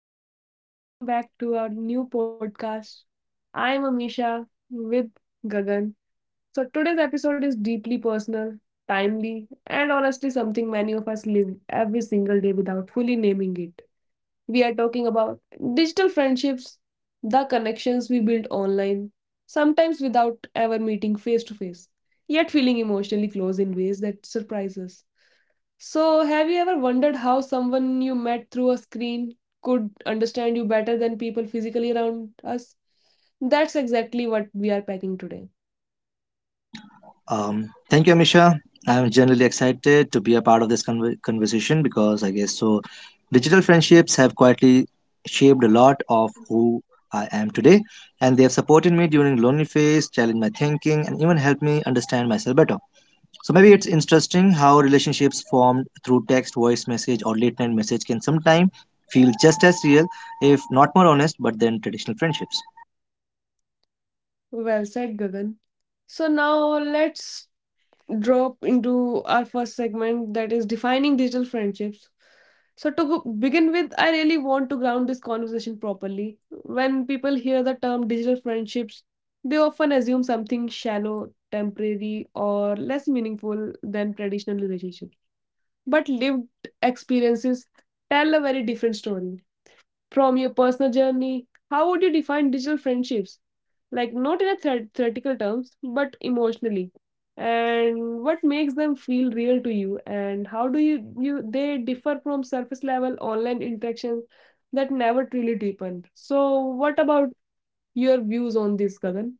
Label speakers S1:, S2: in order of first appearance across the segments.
S1: everyone, and welcome back to our new podcast. I'm Amisha with Gagan. So, today's episode is deeply personal, timely, and honestly something many of us live every single day without fully naming it. We are talking about digital friendships, the connections we build online, sometimes without ever meeting face to face, yet feeling emotionally close in ways that surprise us. So, have you ever wondered how someone you met through a screen could understand you better than people physically around us? That's exactly what we are packing today.
S2: Thank you, Amisha. I'm generally excited to be a part of this conversation because I guess so. Digital friendships have quietly shaped a lot of who I am today, and they have supported me during lonely phase, challenged my thinking, and even helped me understand myself better. So maybe it's interesting how relationships formed through text, voice message, or late night message can sometimes feel just as real, if not more honest, but than traditional friendships.
S1: Well said, Gagan. So, now let's drop into our first segment that is defining digital friendships. So, begin with, I really want to ground this conversation properly. When people hear the term digital friendships, they often assume something shallow, temporary, or less meaningful than traditional relationships, but lived experiences tell a very different story. From your personal journey, how would you define digital friendships? Like, not in theoretical terms, but emotionally. And what makes them feel real to you? And how do you they differ from surface level online interactions that never truly deepen? So, what about your views on this, Gagan?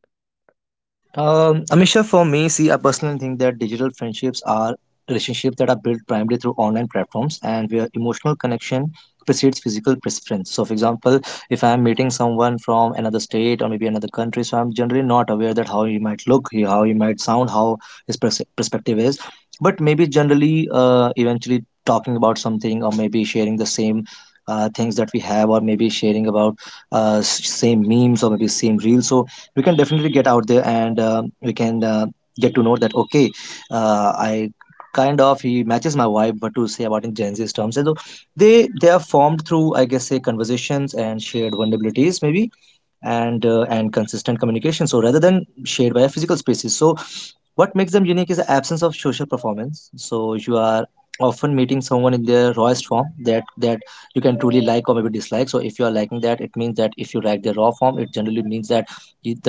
S2: Amisha, for me, see, I personally think that digital friendships are relationships that are built primarily through online platforms and where emotional connection precedes physical preference. So, for example, if I'm meeting someone from another state or maybe another country, so I'm generally not aware that how he might look, how he might sound, how his perspective is. But maybe generally, eventually talking about something or maybe sharing the same things that we have or maybe sharing about same memes or maybe same reels. So, we can definitely get out there and we can get to know that, okay, I kind of he matches my vibe, what to say about in Gen Z's terms. So they are formed through, I guess say, conversations and shared vulnerabilities, maybe, and and consistent communication, so rather than shared by physical spaces. So what makes them unique is the absence of social performance. So you are often meeting someone in their rawest form that you can truly like or maybe dislike. So if you are liking that, it means that if you like their raw form, it generally means that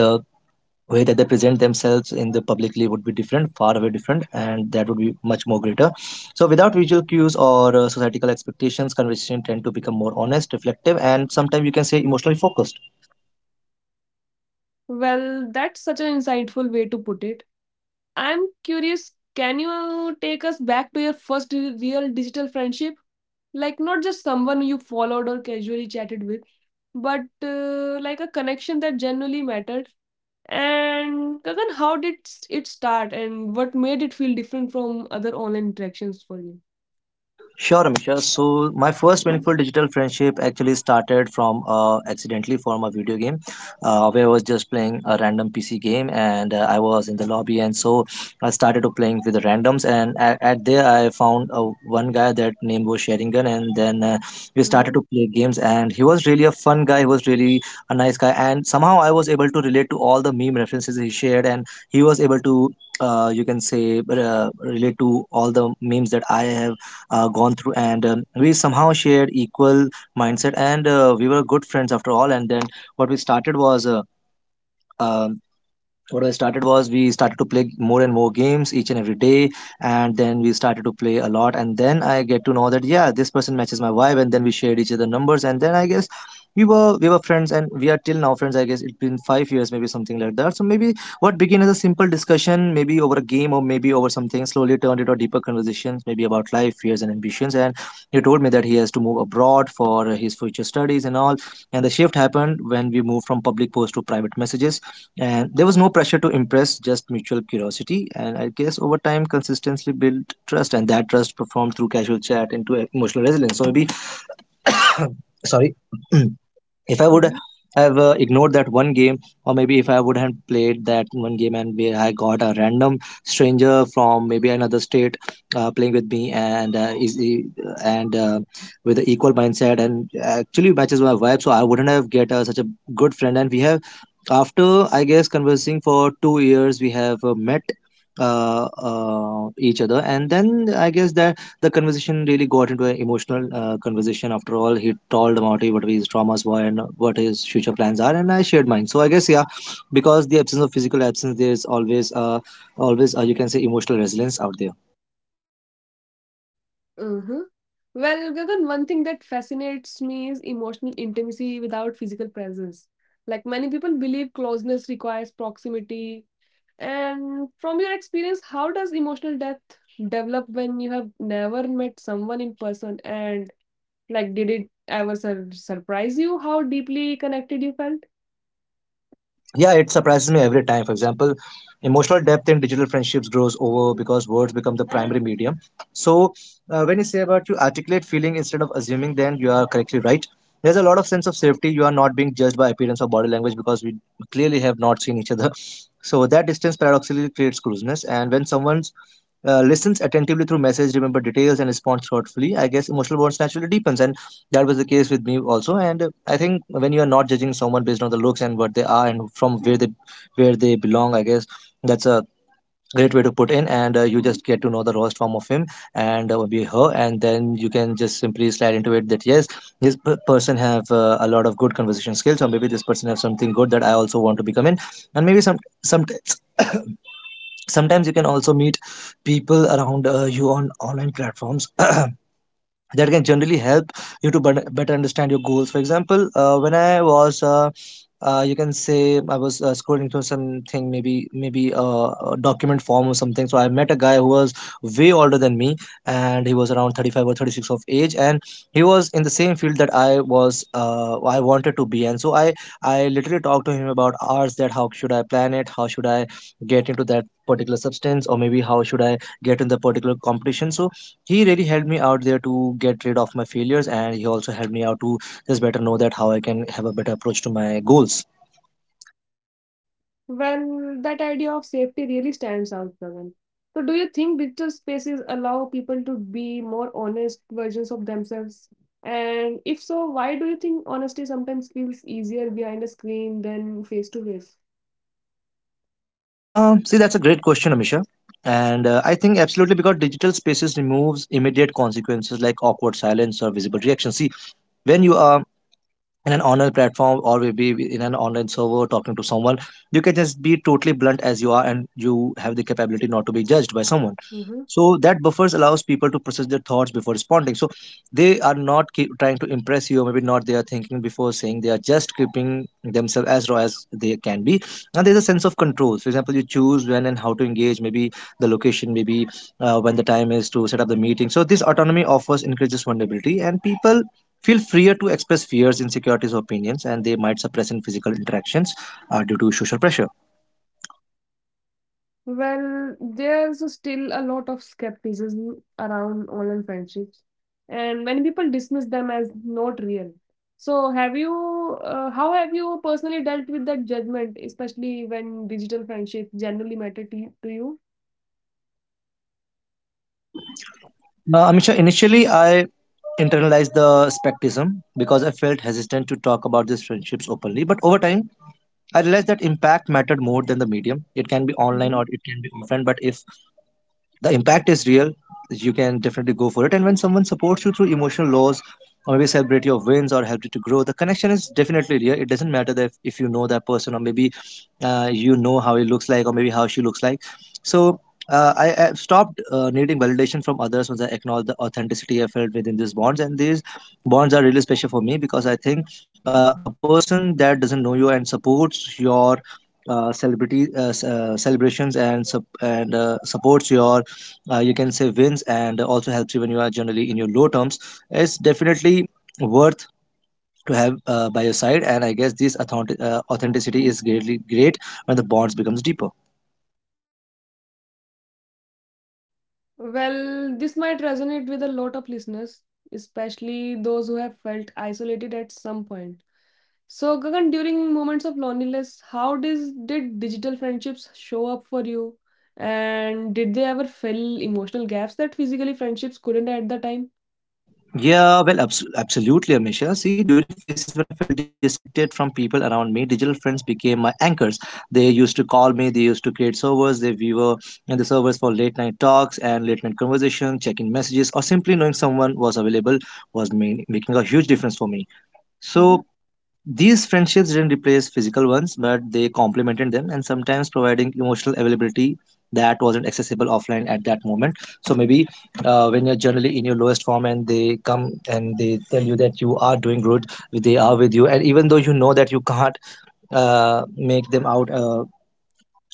S2: the way that they present themselves in the publicly would be different, far away different, and that would be much more greater. So without visual cues or societal expectations, conversation tend to become more honest, reflective, and sometimes you can say emotionally focused.
S1: Well, that's such an insightful way to put it. I'm curious, can you take us back to your first real digital friendship? Like, not just someone you followed or casually chatted with, but like a connection that genuinely mattered. And Kagan, how did it start and what made it feel different from other online interactions for you?
S2: Sure, Amisha. So my first meaningful digital friendship actually started from accidentally from a video game, where I was just playing a random PC game, and I was in the lobby, and so I started to playing with the randoms, and at there I found one guy that name was Sheringan, and then we started
S1: Mm-hmm.
S2: to play games, and he was really a fun guy. He was really a nice guy, and somehow I was able to relate to all the meme references he shared, and he was able to. You can say relate to all the memes that I have gone through, and we somehow shared equal mindset, and we were good friends after all. And then what we started was um what I started was we started to play more and more games each and every day, and then we started to play a lot. And then I get to know that, yeah, this person matches my vibe, and then we shared each other numbers, and then I guess we were friends, and we are till now friends. I guess it's been 5 years, maybe something like that. So maybe what began as a simple discussion, maybe over a game or maybe over something, slowly turned into deeper conversations, maybe about life, fears, and ambitions. And he told me that he has to move abroad for his future studies and all. And the shift happened when we moved from public posts to private messages, and there was no pressure to impress, just mutual curiosity. And I guess over time, consistency built trust, and that trust performed through casual chat into emotional resilience. So maybe, sorry, if I would have ignored that one game, or maybe if I would have played that one game and where I got a random stranger from maybe another state playing with me, and easy and with an equal mindset and actually matches my vibe, so I wouldn't have get such a good friend. And we have, after I guess conversing for 2 years, we have met each other, and then I guess that the conversation really got into an emotional conversation. After all, he told about it, what his traumas were and what his future plans are, and I shared mine. So I guess, yeah, because the absence of physical absence, there is always you can say emotional resilience out there.
S1: Mm-hmm. Well, Gagan, one thing that fascinates me is emotional intimacy without physical presence. Like many people believe closeness requires proximity. And from your experience, how does emotional depth develop when you have never met someone in person? And like, did it ever surprise you how deeply connected you felt?
S2: Yeah, it surprises me every time. For example, emotional depth in digital friendships grows over because words become the primary medium. So when you say about you articulate feeling instead of assuming, then you are correctly right. There's a lot of sense of safety, you are not being judged by appearance or body language because we clearly have not seen each other. So that distance paradoxically creates closeness, and when someone listens attentively through message, remember details, and responds thoughtfully, I guess emotional bonds naturally deepens, and that was the case with me also. And I think when you are not judging someone based on the looks and what they are and from where they belong, I guess that's a great way to put in. And you just get to know the rawest form of him and be her, and then you can just simply slide into it that, yes, this person have a lot of good conversation skills, or maybe this person have something good that I also want to become in. And maybe sometimes sometimes you can also meet people around you on online platforms that can generally help you to better understand your goals. For example, when I was you can say I was scrolling through something, maybe a document form or something. So I met a guy who was way older than me, and he was around 35 or 36 of age, and he was in the same field that I wanted to be, and so i literally talked to him about ours, that how should I plan it, how should I get into that particular substance, or maybe how should I get in the particular competition. So he really helped me out there to get rid of my failures, and he also helped me out to just better know that how I can have a better approach to my goals.
S1: Well, that idea of safety really stands out, Gagan. So, do you think digital spaces allow people to be more honest versions of themselves? And if so, why do you think honesty sometimes feels easier behind a screen than face to face?
S2: See, that's a great question, Amisha. And I think absolutely, because digital spaces removes immediate consequences like awkward silence or visible reaction. See, when you are in an online platform or maybe in an online server talking to someone, you can just be totally blunt as you are, and you have the capability not to be judged by someone.
S1: Mm-hmm.
S2: So that buffers allows people to process their thoughts before responding. So they are not keep trying to impress you, or maybe not they are thinking before saying, they are just keeping themselves as raw as they can be. And there's a sense of control. For example, you choose when and how to engage, maybe the location, maybe when the time is to set up the meeting. So this autonomy offers increases vulnerability, and people feel freer to express fears, insecurities, or opinions, and they might suppress in physical interactions due to social pressure.
S1: Well, there's still a lot of skepticism around online friendships, and many people dismiss them as not real. So, how have you personally dealt with that judgment, especially when digital friendships generally matter to you?
S2: Amisha, initially I internalized the skepticism because I felt hesitant to talk about these friendships openly. But over time, I realized that impact mattered more than the medium. It can be online
S1: Mm-hmm.
S2: or it can be offline, but if the impact is real, you can definitely go for it. And when someone supports you through emotional loss, or maybe celebrate your wins, or help you to grow, the connection is definitely real. It doesn't matter that if you know that person, or maybe you know how he looks like, or maybe how she looks like. So I have stopped needing validation from others once I acknowledge the authenticity I felt within these bonds. And these bonds are really special for me, because I think a person that doesn't know you and supports your celebrations and supports your, you can say, wins, and also helps you when you are generally in your low terms. It's definitely worth to have by your side. And I guess this authenticity is greatly great when the bonds becomes deeper.
S1: Well, this might resonate with a lot of listeners, especially those who have felt isolated at some point. So, Gagan, during moments of loneliness, did digital friendships show up for you? And did they ever fill emotional gaps that physically friendships couldn't at the time?
S2: Yeah, well, absolutely Amisha. See, during phases when I felt disconnected from people around me, digital friends became my anchors. They used to call me, they used to create servers, they we were in the servers for late night talks and late night conversations, checking messages or simply knowing someone was available was making a huge difference for me. So,
S1: Mm-hmm,
S2: these friendships didn't replace physical ones, but they complemented them, and sometimes providing emotional availability that wasn't accessible offline at that moment. So maybe when you're generally in your lowest form and they come and they tell you that you are doing good, they are with you, and even though you know that you can't make them out. Uh,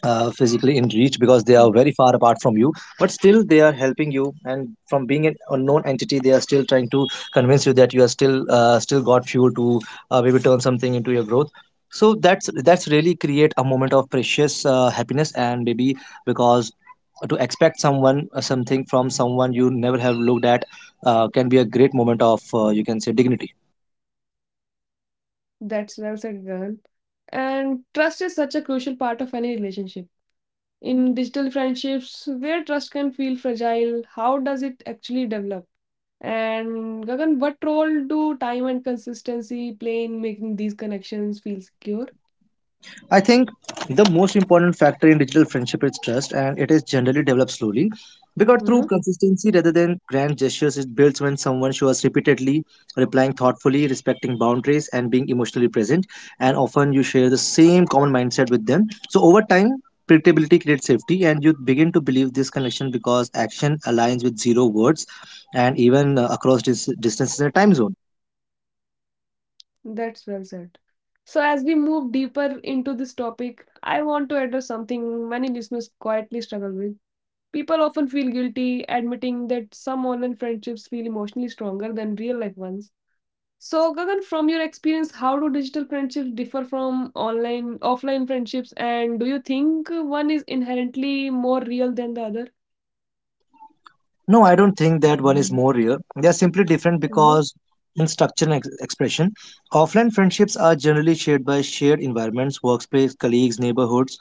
S2: uh, Physically in reach, because they are
S1: mm-hmm.
S2: very far apart from you, but still they are helping you. And from being an unknown entity, they are still trying to convince you that you are still still got fuel to maybe turn something into your growth. So that's really create a moment of precious happiness. And maybe, because to expect someone something from someone you never have looked at can be a great moment of, you can say, dignity.
S1: That's well said, Gagan. And trust is such a crucial part of any relationship. In digital friendships, where trust can feel fragile, how does it actually develop? And Gagan, what role do time and consistency play in making these connections feel secure?
S2: I think the most important factor in digital friendship is trust, and it is generally developed slowly, because through
S1: Hmm.
S2: consistency rather than grand gestures. It builds when someone shows repeatedly, replying thoughtfully, respecting boundaries, and being emotionally present. And often you share the same common mindset with them. So over time, predictability creates safety, and you begin to believe this connection because action aligns with zero words and even across distances and time zones.
S1: That's well said. So, as we move deeper into this topic, I want to address something many listeners quietly struggle with. People often feel guilty admitting that some online friendships feel emotionally stronger than real life ones. So, Gagan, from your experience, how do digital friendships differ from online, offline friendships, and do you think one is inherently more real than the other?
S2: No, I don't think that one is more real. They are simply different
S1: Mhm.
S2: because in structure and expression, offline friendships are generally shaped by shared environments, workspace, colleagues, neighborhoods,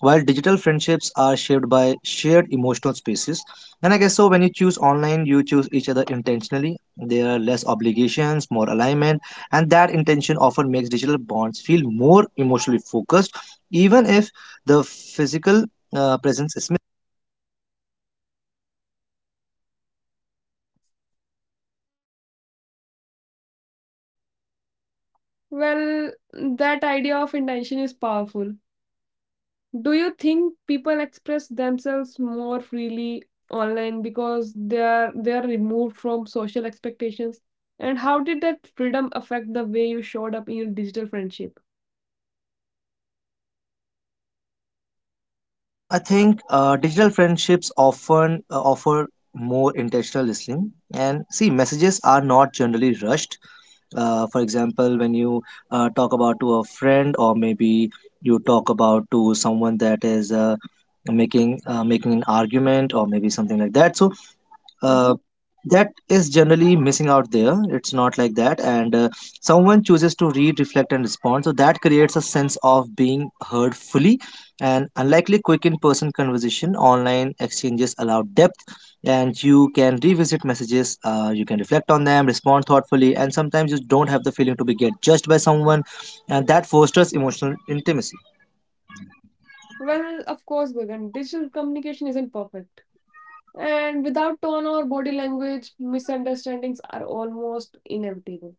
S2: while digital friendships are shaped by shared emotional spaces. And I guess so when you choose online, you choose each other intentionally. There are less obligations, more alignment, and that intention often makes digital bonds feel more emotionally focused, even if the physical presence is...
S1: Well, that idea of intention is powerful. Do you think people express themselves more freely online because they are removed from social expectations? And how did that freedom affect the way you showed up in your digital friendship?
S2: I think digital friendships often offer more intentional listening. And see, messages are not generally rushed. For example, when you talk about to a friend, or maybe you talk about to someone that is making an argument, or maybe something like that. So,
S1: Mhm.
S2: uh, that is generally missing out there. It's not like that. And someone chooses to read, reflect and respond, so that creates a sense of being heard fully. And unlikely quick in-person conversation, online exchanges allow depth. And you can revisit messages, you can reflect on them, respond thoughtfully, and sometimes you don't have the feeling to be get judged by someone. And that fosters emotional intimacy.
S1: Well, of course, Gagan, digital communication isn't perfect, and without tone or body language, misunderstandings are almost inevitable.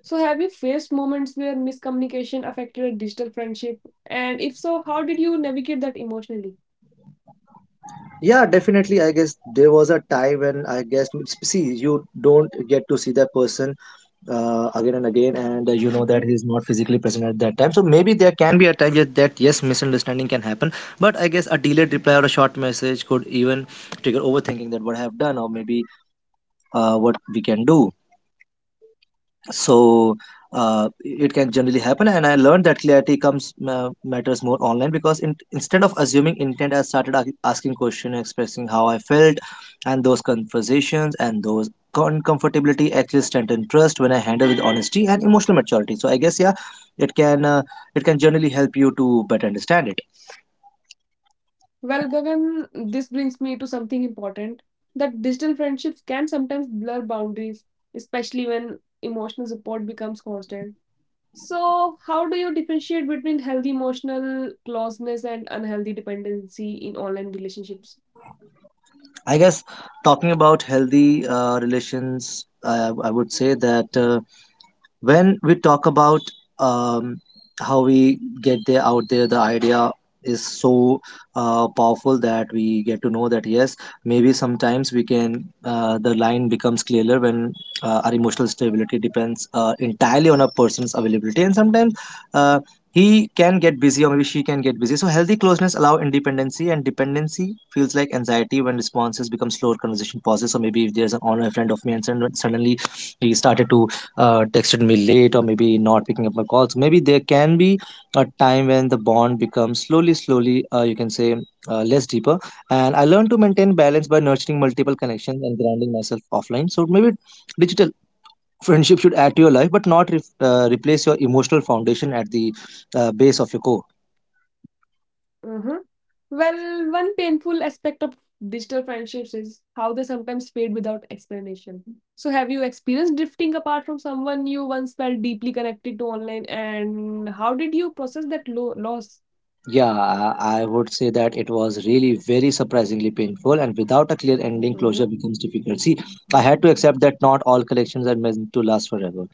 S1: So, have you faced moments where miscommunication affected a digital friendship? And if so, how did you navigate that emotionally?
S2: Yeah, definitely, I guess there was a time when, I guess, see, you don't get to see that person again and again. And you know that
S1: Mhm.
S2: he's not physically present at that time, so maybe there can be a time yet that, yes, misunderstanding can happen. But I guess a delayed reply or a short message could even trigger overthinking, that what I have done, or maybe what we can do. So it can generally happen. And I learned that clarity comes, matters more online, because instead of assuming intent, I started asking questions, expressing how I felt. And those conversations and those uncomfortability actually strengthen trust when I handle with honesty and emotional maturity. So I guess yeah, it can uh, it can generally help you to better understand it.
S1: Well, Gagan, this brings me to something important, that digital friendships can sometimes blur boundaries, especially when emotional support becomes constant. So, how do you differentiate between healthy emotional closeness and unhealthy dependency in online relationships?
S2: I guess, talking about healthy relations, I would say that when we talk about um, how we get there out there, the idea is so powerful that we get to know that, yes, maybe sometimes we can, the line becomes clearer when our emotional stability depends entirely on a person's availability. And sometimes uh, he can get busy or maybe she can get busy. So healthy closeness allow independency, and dependency feels like anxiety when responses become slower, conversation pauses. So maybe if there's an online friend of me, and suddenly he started to texted me late or maybe not picking up my calls. Maybe there can be a time when the bond becomes slowly, slowly, you can say, less deeper. And I learned to maintain balance by nurturing multiple connections and grounding myself offline. So maybe digital friendship should add to your life, but not replace your emotional foundation at the base of your core.
S1: Mhm. Well, one painful aspect of digital friendships is how they sometimes fade without explanation. So, have you experienced drifting apart from someone you once felt deeply connected to online, and how did you process that loss?
S2: Yeah, I would say that it was really very surprisingly painful, and without a clear ending, closure
S1: Mm-hmm.
S2: becomes difficult. See, I had to accept that not all collections are meant to last forever.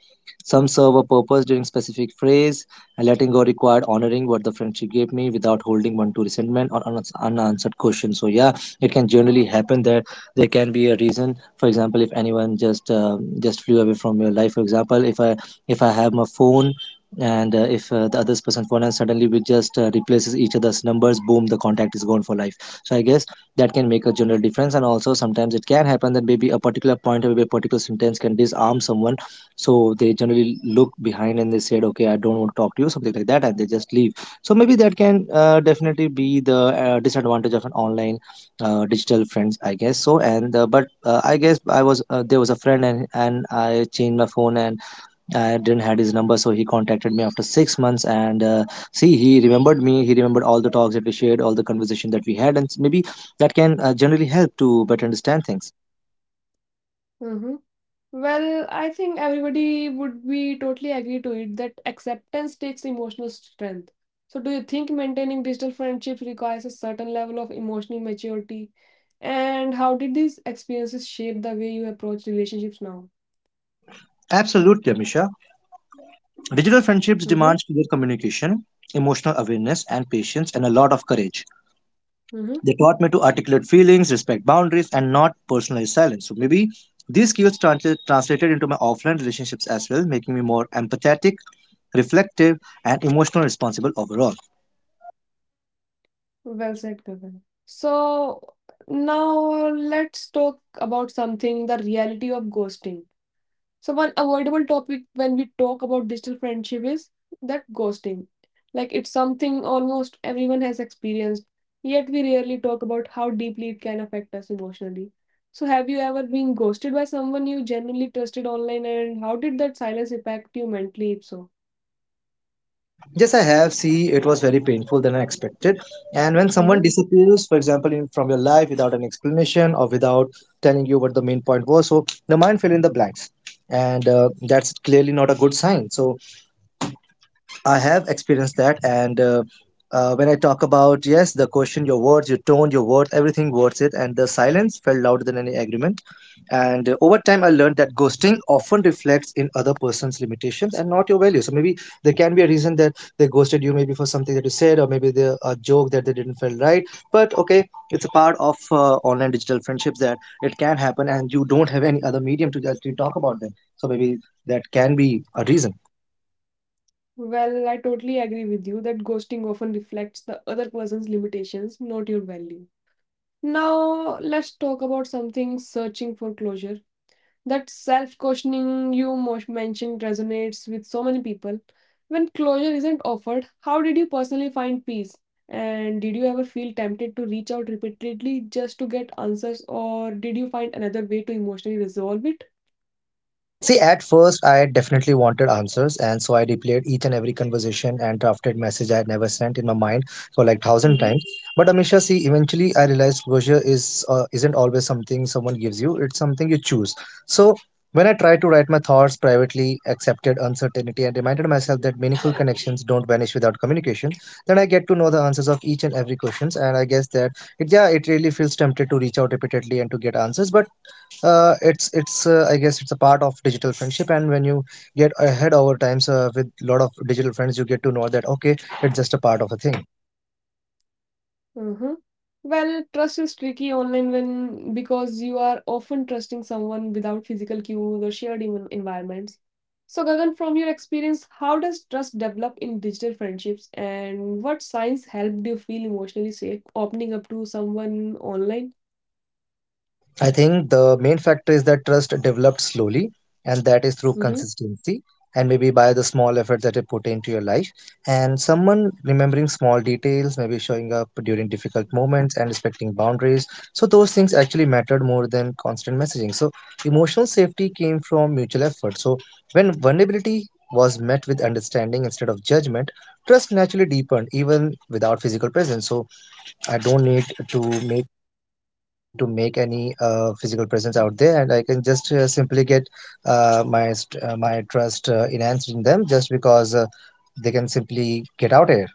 S2: Some serve a purpose during specific phase, and letting go required honoring what the friendship gave me without holding on to resentment or unanswered questions. So, yeah, it can generally happen that there can be a reason. For example, if anyone just flew away from your life. For example, if I have my phone, and if the other person phone, and suddenly we just replaces each other's numbers, boom, the contact is gone for life. So I guess that can make a general difference. And also sometimes it can happen that maybe a particular point or maybe a particular sentence can disarm someone. So they generally look behind and they said, okay, I don't want to talk to you, something like that, and they just leave. So maybe that can definitely be the disadvantage of an online digital friends, I guess so. And but I guess, I was there was a friend, and I changed my phone, and I didn't had his number, so he contacted me after 6 months. And see, he remembered me. He remembered all the talks that we shared, all the conversation that we had. And maybe that can generally help to better understand things.
S1: Mm-hmm. Well, I think everybody would be totally agree to it that acceptance takes emotional strength. So, do you think maintaining digital friendships requires a certain level of emotional maturity? And how did these experiences shape the way you approach relationships now?
S2: Absolutely, Amisha. Digital friendships
S1: Mhm.
S2: demands clear communication, emotional awareness, and patience, and a lot of courage.
S1: Mm-hmm.
S2: They taught me to articulate feelings, respect boundaries, and not personalize silence. So maybe these skills translated into my offline relationships as well, making me more empathetic, reflective, and emotional responsible overall.
S1: Well said, Gagan. So now let's talk about something, the reality of ghosting. So one avoidable topic when we talk about digital friendship is that ghosting. Like it's something almost everyone has experienced, yet we rarely talk about how deeply it can affect us emotionally. So have you ever been ghosted by someone you genuinely trusted online and how did that silence impact you mentally if so?
S2: Yes, I have. See, it was very painful than I expected. And when someone disappears, for example, from your life without an explanation or without telling you what the main point was. So the mind fill in the blanks, and that's clearly not a good sign. So I have experienced that. And when I talk about, yes, the question, your words, your tone, your words, everything worth it, and the silence felt louder than any agreement. And over time, I learned that ghosting often reflects in other person's limitations and not your value. So maybe there can be a reason that they ghosted you, maybe for something that you said, or maybe the a joke that they didn't feel right. But okay, it's a part of online digital friendships that it can happen, and you don't have any other medium to actually talk about them. So maybe that can be a reason.
S1: Well, I totally agree with you that ghosting often reflects the other person's limitations, not your value. Now, let's talk about something searching for closure. That self questioning you mentioned resonates with so many people. When closure isn't offered, how did you personally find peace? And did you ever feel tempted to reach out repeatedly just to get answers, or did you find another way to emotionally resolve it?
S2: See, at first, I definitely wanted answers, and so I replayed each and every conversation and drafted message I had never sent in my mind for like thousand times. But Amisha, see, eventually I realized closure is isn't always something someone gives you; it's something you choose. So when I tried to write my thoughts privately, accepted uncertainty, and reminded myself that meaningful connections don't vanish without communication, then I get to know the answers of each and every questions. And I guess that, it, yeah, it really feels tempted to reach out repeatedly and to get answers. But it's I guess it's a part of digital friendship. And when you get ahead over times with lot of digital friends, you get to know that okay, it's just a part of a thing.
S1: Mhm. Well, trust is tricky online when because you are often trusting someone without physical cues or shared environments. So, Gagan, from your experience, how does trust develop in digital friendships, and what signs helped you feel emotionally safe opening up to someone online?
S2: I think the main factor is that trust developed slowly, and that is through
S1: Hmm.
S2: consistency and maybe by the small effort that you put into your life. And someone remembering small details, maybe showing up during difficult moments and respecting boundaries. So those things actually mattered more than constant messaging. So emotional safety came from mutual effort. So when vulnerability was met with understanding instead of judgment, trust naturally deepened even without physical presence. So I don't need to make I don't need to make any physical presence out there, and I can just simply get my trust enhanced in them just because they can simply get out here.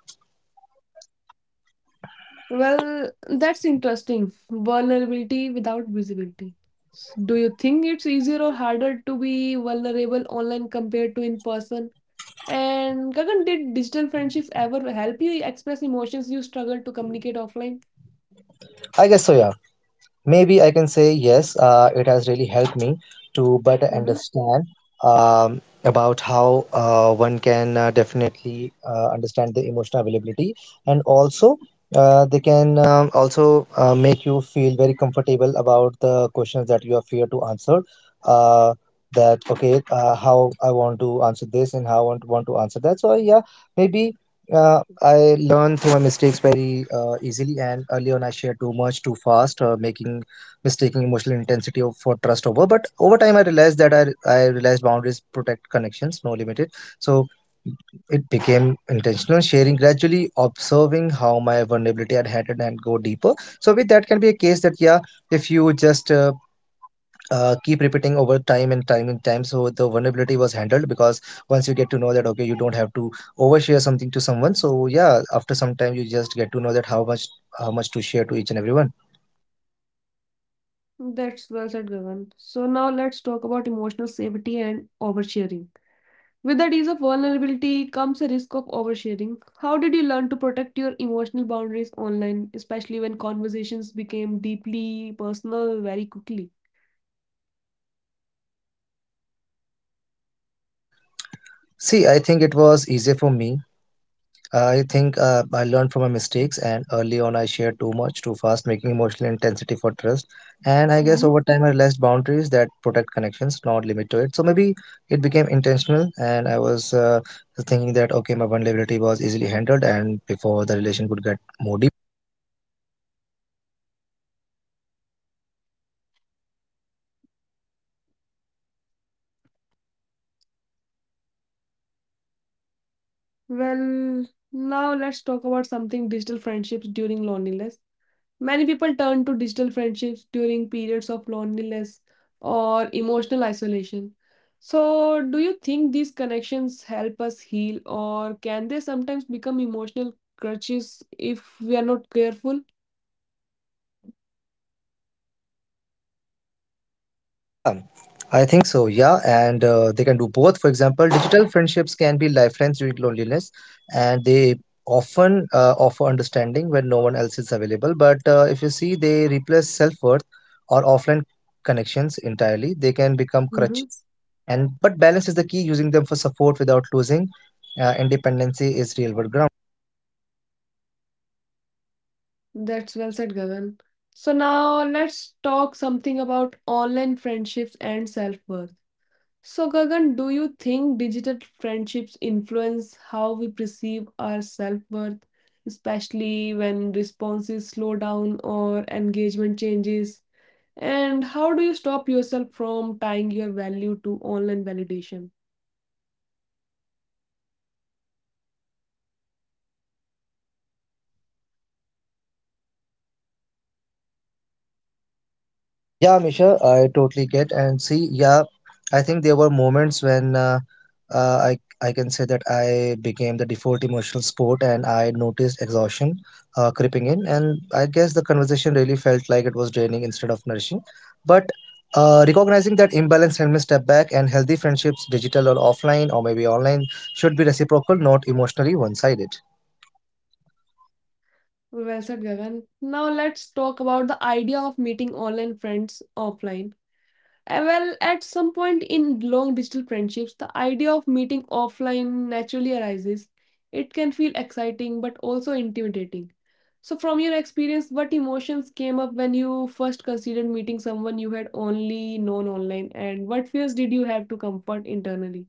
S1: Well, that's interesting. Vulnerability without visibility. Do you think it's easier or harder to be vulnerable online compared to in person? And Gagan, did digital friendships ever help you express emotions you struggle to communicate offline?
S2: I guess so. Yeah. Maybe I can say yes, it has really helped me to better
S1: Hmm.
S2: understand about how one can definitely understand the emotional availability. And also, they can also make you feel very comfortable about the questions that you are fear to answer. Uh, how I want to answer this and how I want to answer that. So, yeah, maybe I learn through my mistakes very easily, and early on I shared too much too fast, making mistaking emotional for trust over. But over time, I realized that I realized boundaries protect connections, no limited. So it became intentional sharing, gradually observing how my vulnerability had handled and go deeper. So with that can be a case that, yeah, if you just keep repeating over time and time and time, so the vulnerability was handled because once you get to know that, okay, you don't have to overshare something to someone. So, yeah, after some time you just get to know that how much to share to each and everyone.
S1: That's well said, Gagan. So now let's talk about emotional safety and oversharing. With the ease of vulnerability comes a risk of oversharing. How did you learn to protect your emotional boundaries online, especially when conversations became deeply personal very quickly?
S2: um See, I think it was easier for me. I think I learned from my mistakes, and early on I shared too much, too fast, making emotional intensity for trust. And I guess over
S1: Hmm.
S2: time I realized boundaries that protect connections, not limit to it. So maybe it became intentional, and I was thinking that, okay, my vulnerability was easily handled, and before the relation could get more deep.
S1: Well, now let's talk about something digital friendships during loneliness. Many people turn to digital friendships during periods of loneliness or emotional isolation. So, do you think these connections help us heal, or can they sometimes become emotional crutches if we are not careful?
S2: Yeah, I think so, yeah. And they can do both. For example, digital friendships can be lifelines during loneliness, and they often offer understanding when no one else is available. But if you see, they replace self worth or offline connections entirely. They can become
S1: Hmm.
S2: crutches. And but balance is the key. Using them for support without losing independency is real world ground.
S1: That's well said, Gagan. So, now let's talk something about online friendships and self worth. So, Gagan, do you think digital friendships influence how we perceive our self-worth, especially when responses slow down or engagement changes? And how do you stop yourself from tying your value to online validation?
S2: Yeah, Misha, I totally get and see. Yeah, I think there were moments when I can say that I became the default emotional sport, and I noticed exhaustion creeping in, and I guess the conversation really felt like it was draining instead of nourishing. But recognizing that imbalance helped me step back, and healthy friendships, digital or offline or maybe online, should be reciprocal, not emotionally one-sided.
S1: Well said, Gagan. Now let's talk about the idea of meeting online friends offline. Well, at some point in long digital friendships, the idea of meeting offline naturally arises. It can feel exciting but also intimidating. So, from your experience, what emotions came up when you first considered meeting someone you had only known online, and what fears did you have to comfort internally?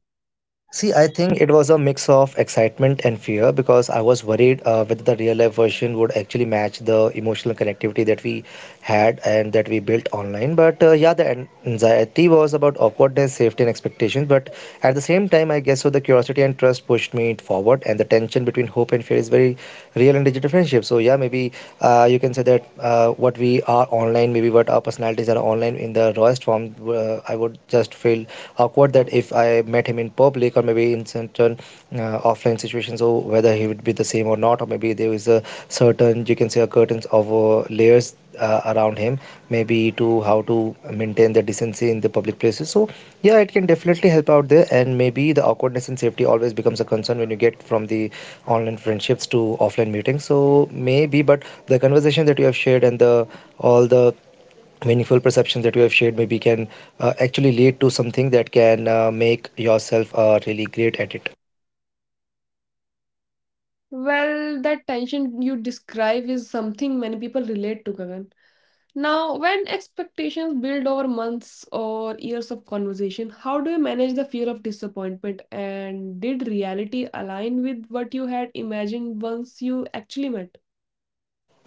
S2: See, I think it was a mix of excitement and fear because I was worried whether the real life version would actually match the emotional connectivity that we had and that we built online. But yeah, the anxiety was about awkwardness, safety, and expectations. But at the same time, I guess so the curiosity and trust pushed me forward, and the tension between hope and fear is very real and digital friendship. So, yeah, maybe you can say that what we are online, maybe what our personalities are online in the rawest form, I would just feel awkward that if I met him in public or maybe in certain offline situations, so whether he would be the same or not, or maybe there is a certain, you can say, a curtain of layers around him, maybe to how to maintain the decency in the public places. So, yeah, it can definitely help out there. And maybe the awkwardness and safety always becomes a concern when you get from the online friendships to offline meetings. So maybe, but the conversation that you have shared and the all the meaningful perceptions that you have shared maybe can actually lead to something that can make yourself really great at it.
S1: Well, that tension you describe is something many people relate to, Gagan. Now, when expectations build over months or years of conversation, how do you manage the fear of disappointment? And did reality align with what you had imagined once you actually met?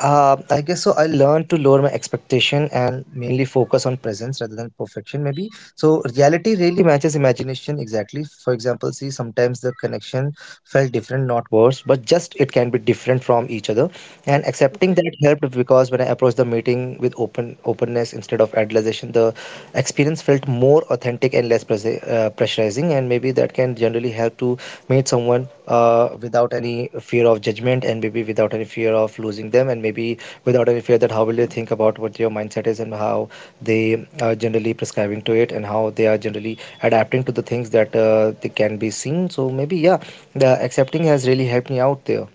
S2: I guess so. I learned to lower my expectation and mainly focus on presence rather than perfection, maybe. So reality really matches imagination exactly. For example, see, sometimes the connection felt different, not worse, but just it can be different from each other. And
S1: Mhm.
S2: accepting that helped because when I approached the meeting with openness instead of idealization, the experience felt more authentic and less pressurizing. And maybe that can generally help to meet someone without any fear of judgment, and maybe without any fear of losing them, and maybe without any fear that how will they think about what your mindset is, and how they are generally prescribing to it, and how they are generally adapting to the things that they can be seen. So maybe, yeah, the accepting has really helped me out there.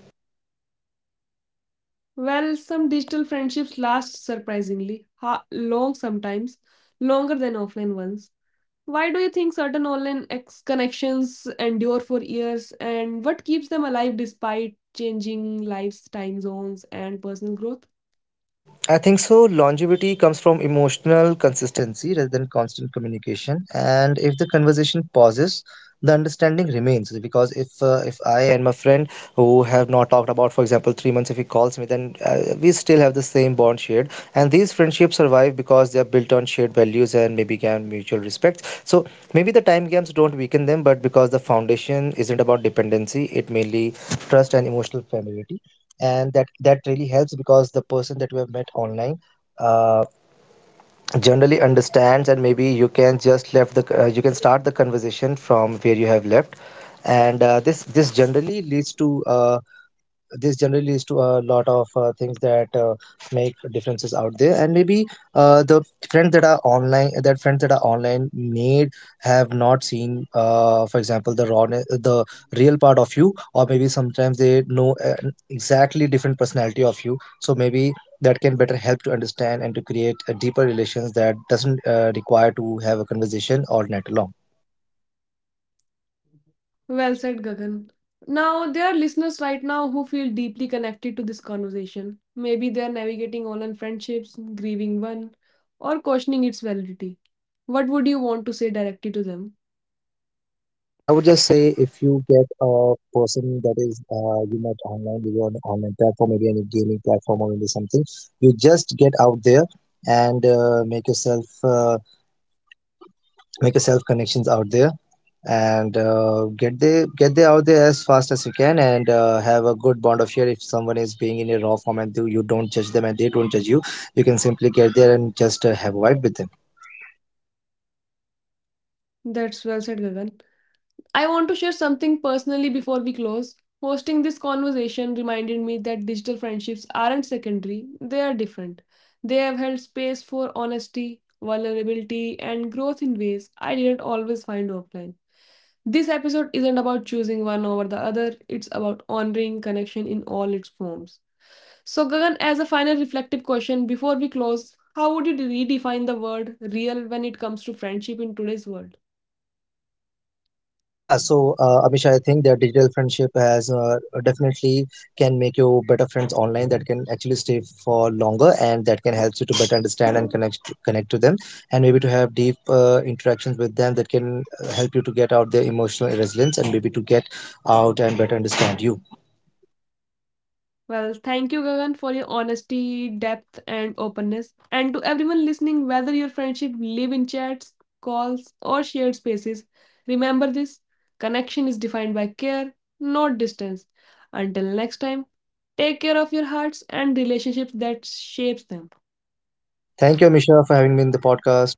S1: Well, some digital friendships last surprisingly long sometimes, longer than offline ones. Why do you think certain online connections endure for years and what keeps them alive despite changing lives, time zones, and personal growth?
S2: I think so. Longevity comes from emotional consistency rather than constant communication. And if the conversation pauses, the understanding remains. Because if I and my friend who have not talked about, for example, 3 months, if he calls me, then we still have the same bond shared. And these friendships survive because they are built on shared values and maybe can mutual respect. So maybe the time gaps don't weaken them, but because the foundation isn't about dependency, it mainly trust and emotional familiarity. And that really helps because the person that you have met online uh, generally understands, and maybe you can just left the you can start the conversation from where you have left. And this generally leads to this generally leads to a lot of things that make differences out there. And maybe the friends that are online made have not seen, for example, the real part of you, or maybe sometimes they know an exactly different personality of you. So maybe that can better help to understand and to create a deeper relations that doesn't require to have a conversation all night long.
S1: Well said, Gagan. Now, there are listeners right now who feel deeply connected to this conversation. Maybe they are navigating online friendships, grieving one, or questioning its validity. What would you want to say directly to them?
S2: I would just say if you get a person that is, you met online, maybe on an online platform, maybe any gaming platform or maybe something, you just get out there and make yourself connections out there, and get they out there as fast as you can, and have a good bond of share. If someone is being in a raw form and you don't judge them and they don't judge you, you can simply get there and just have a vibe with them.
S1: That's well said, Gagan. I want to share something personally before we close. Hosting this conversation reminded me that digital friendships aren't secondary, they are different. They have held space for honesty, vulnerability, and growth in ways I didn't always find offline. This episode isn't about choosing one over the other, it's about honoring connection in all its forms. So, Gagan, as a final reflective question before we close, how would you redefine the word real when it comes to friendship in today's world?
S2: Yeah, so Amish, I think that digital friendship has, definitely, can make you better friends online that can actually stay for longer, and that can help you to better understand and connect to them and maybe to have deep interactions with them that can help you to get out their emotional resilience and maybe to get out and better understand you.
S1: Well, thank you, Gagan, for your honesty, depth, and openness. And to everyone listening, whether your friendship live in chats, calls, or shared spaces, remember this connection is defined by care, not distance. Until next time, take care of your hearts and relationships that shapes them.
S2: Thank you, Amisha, for having me in the podcast.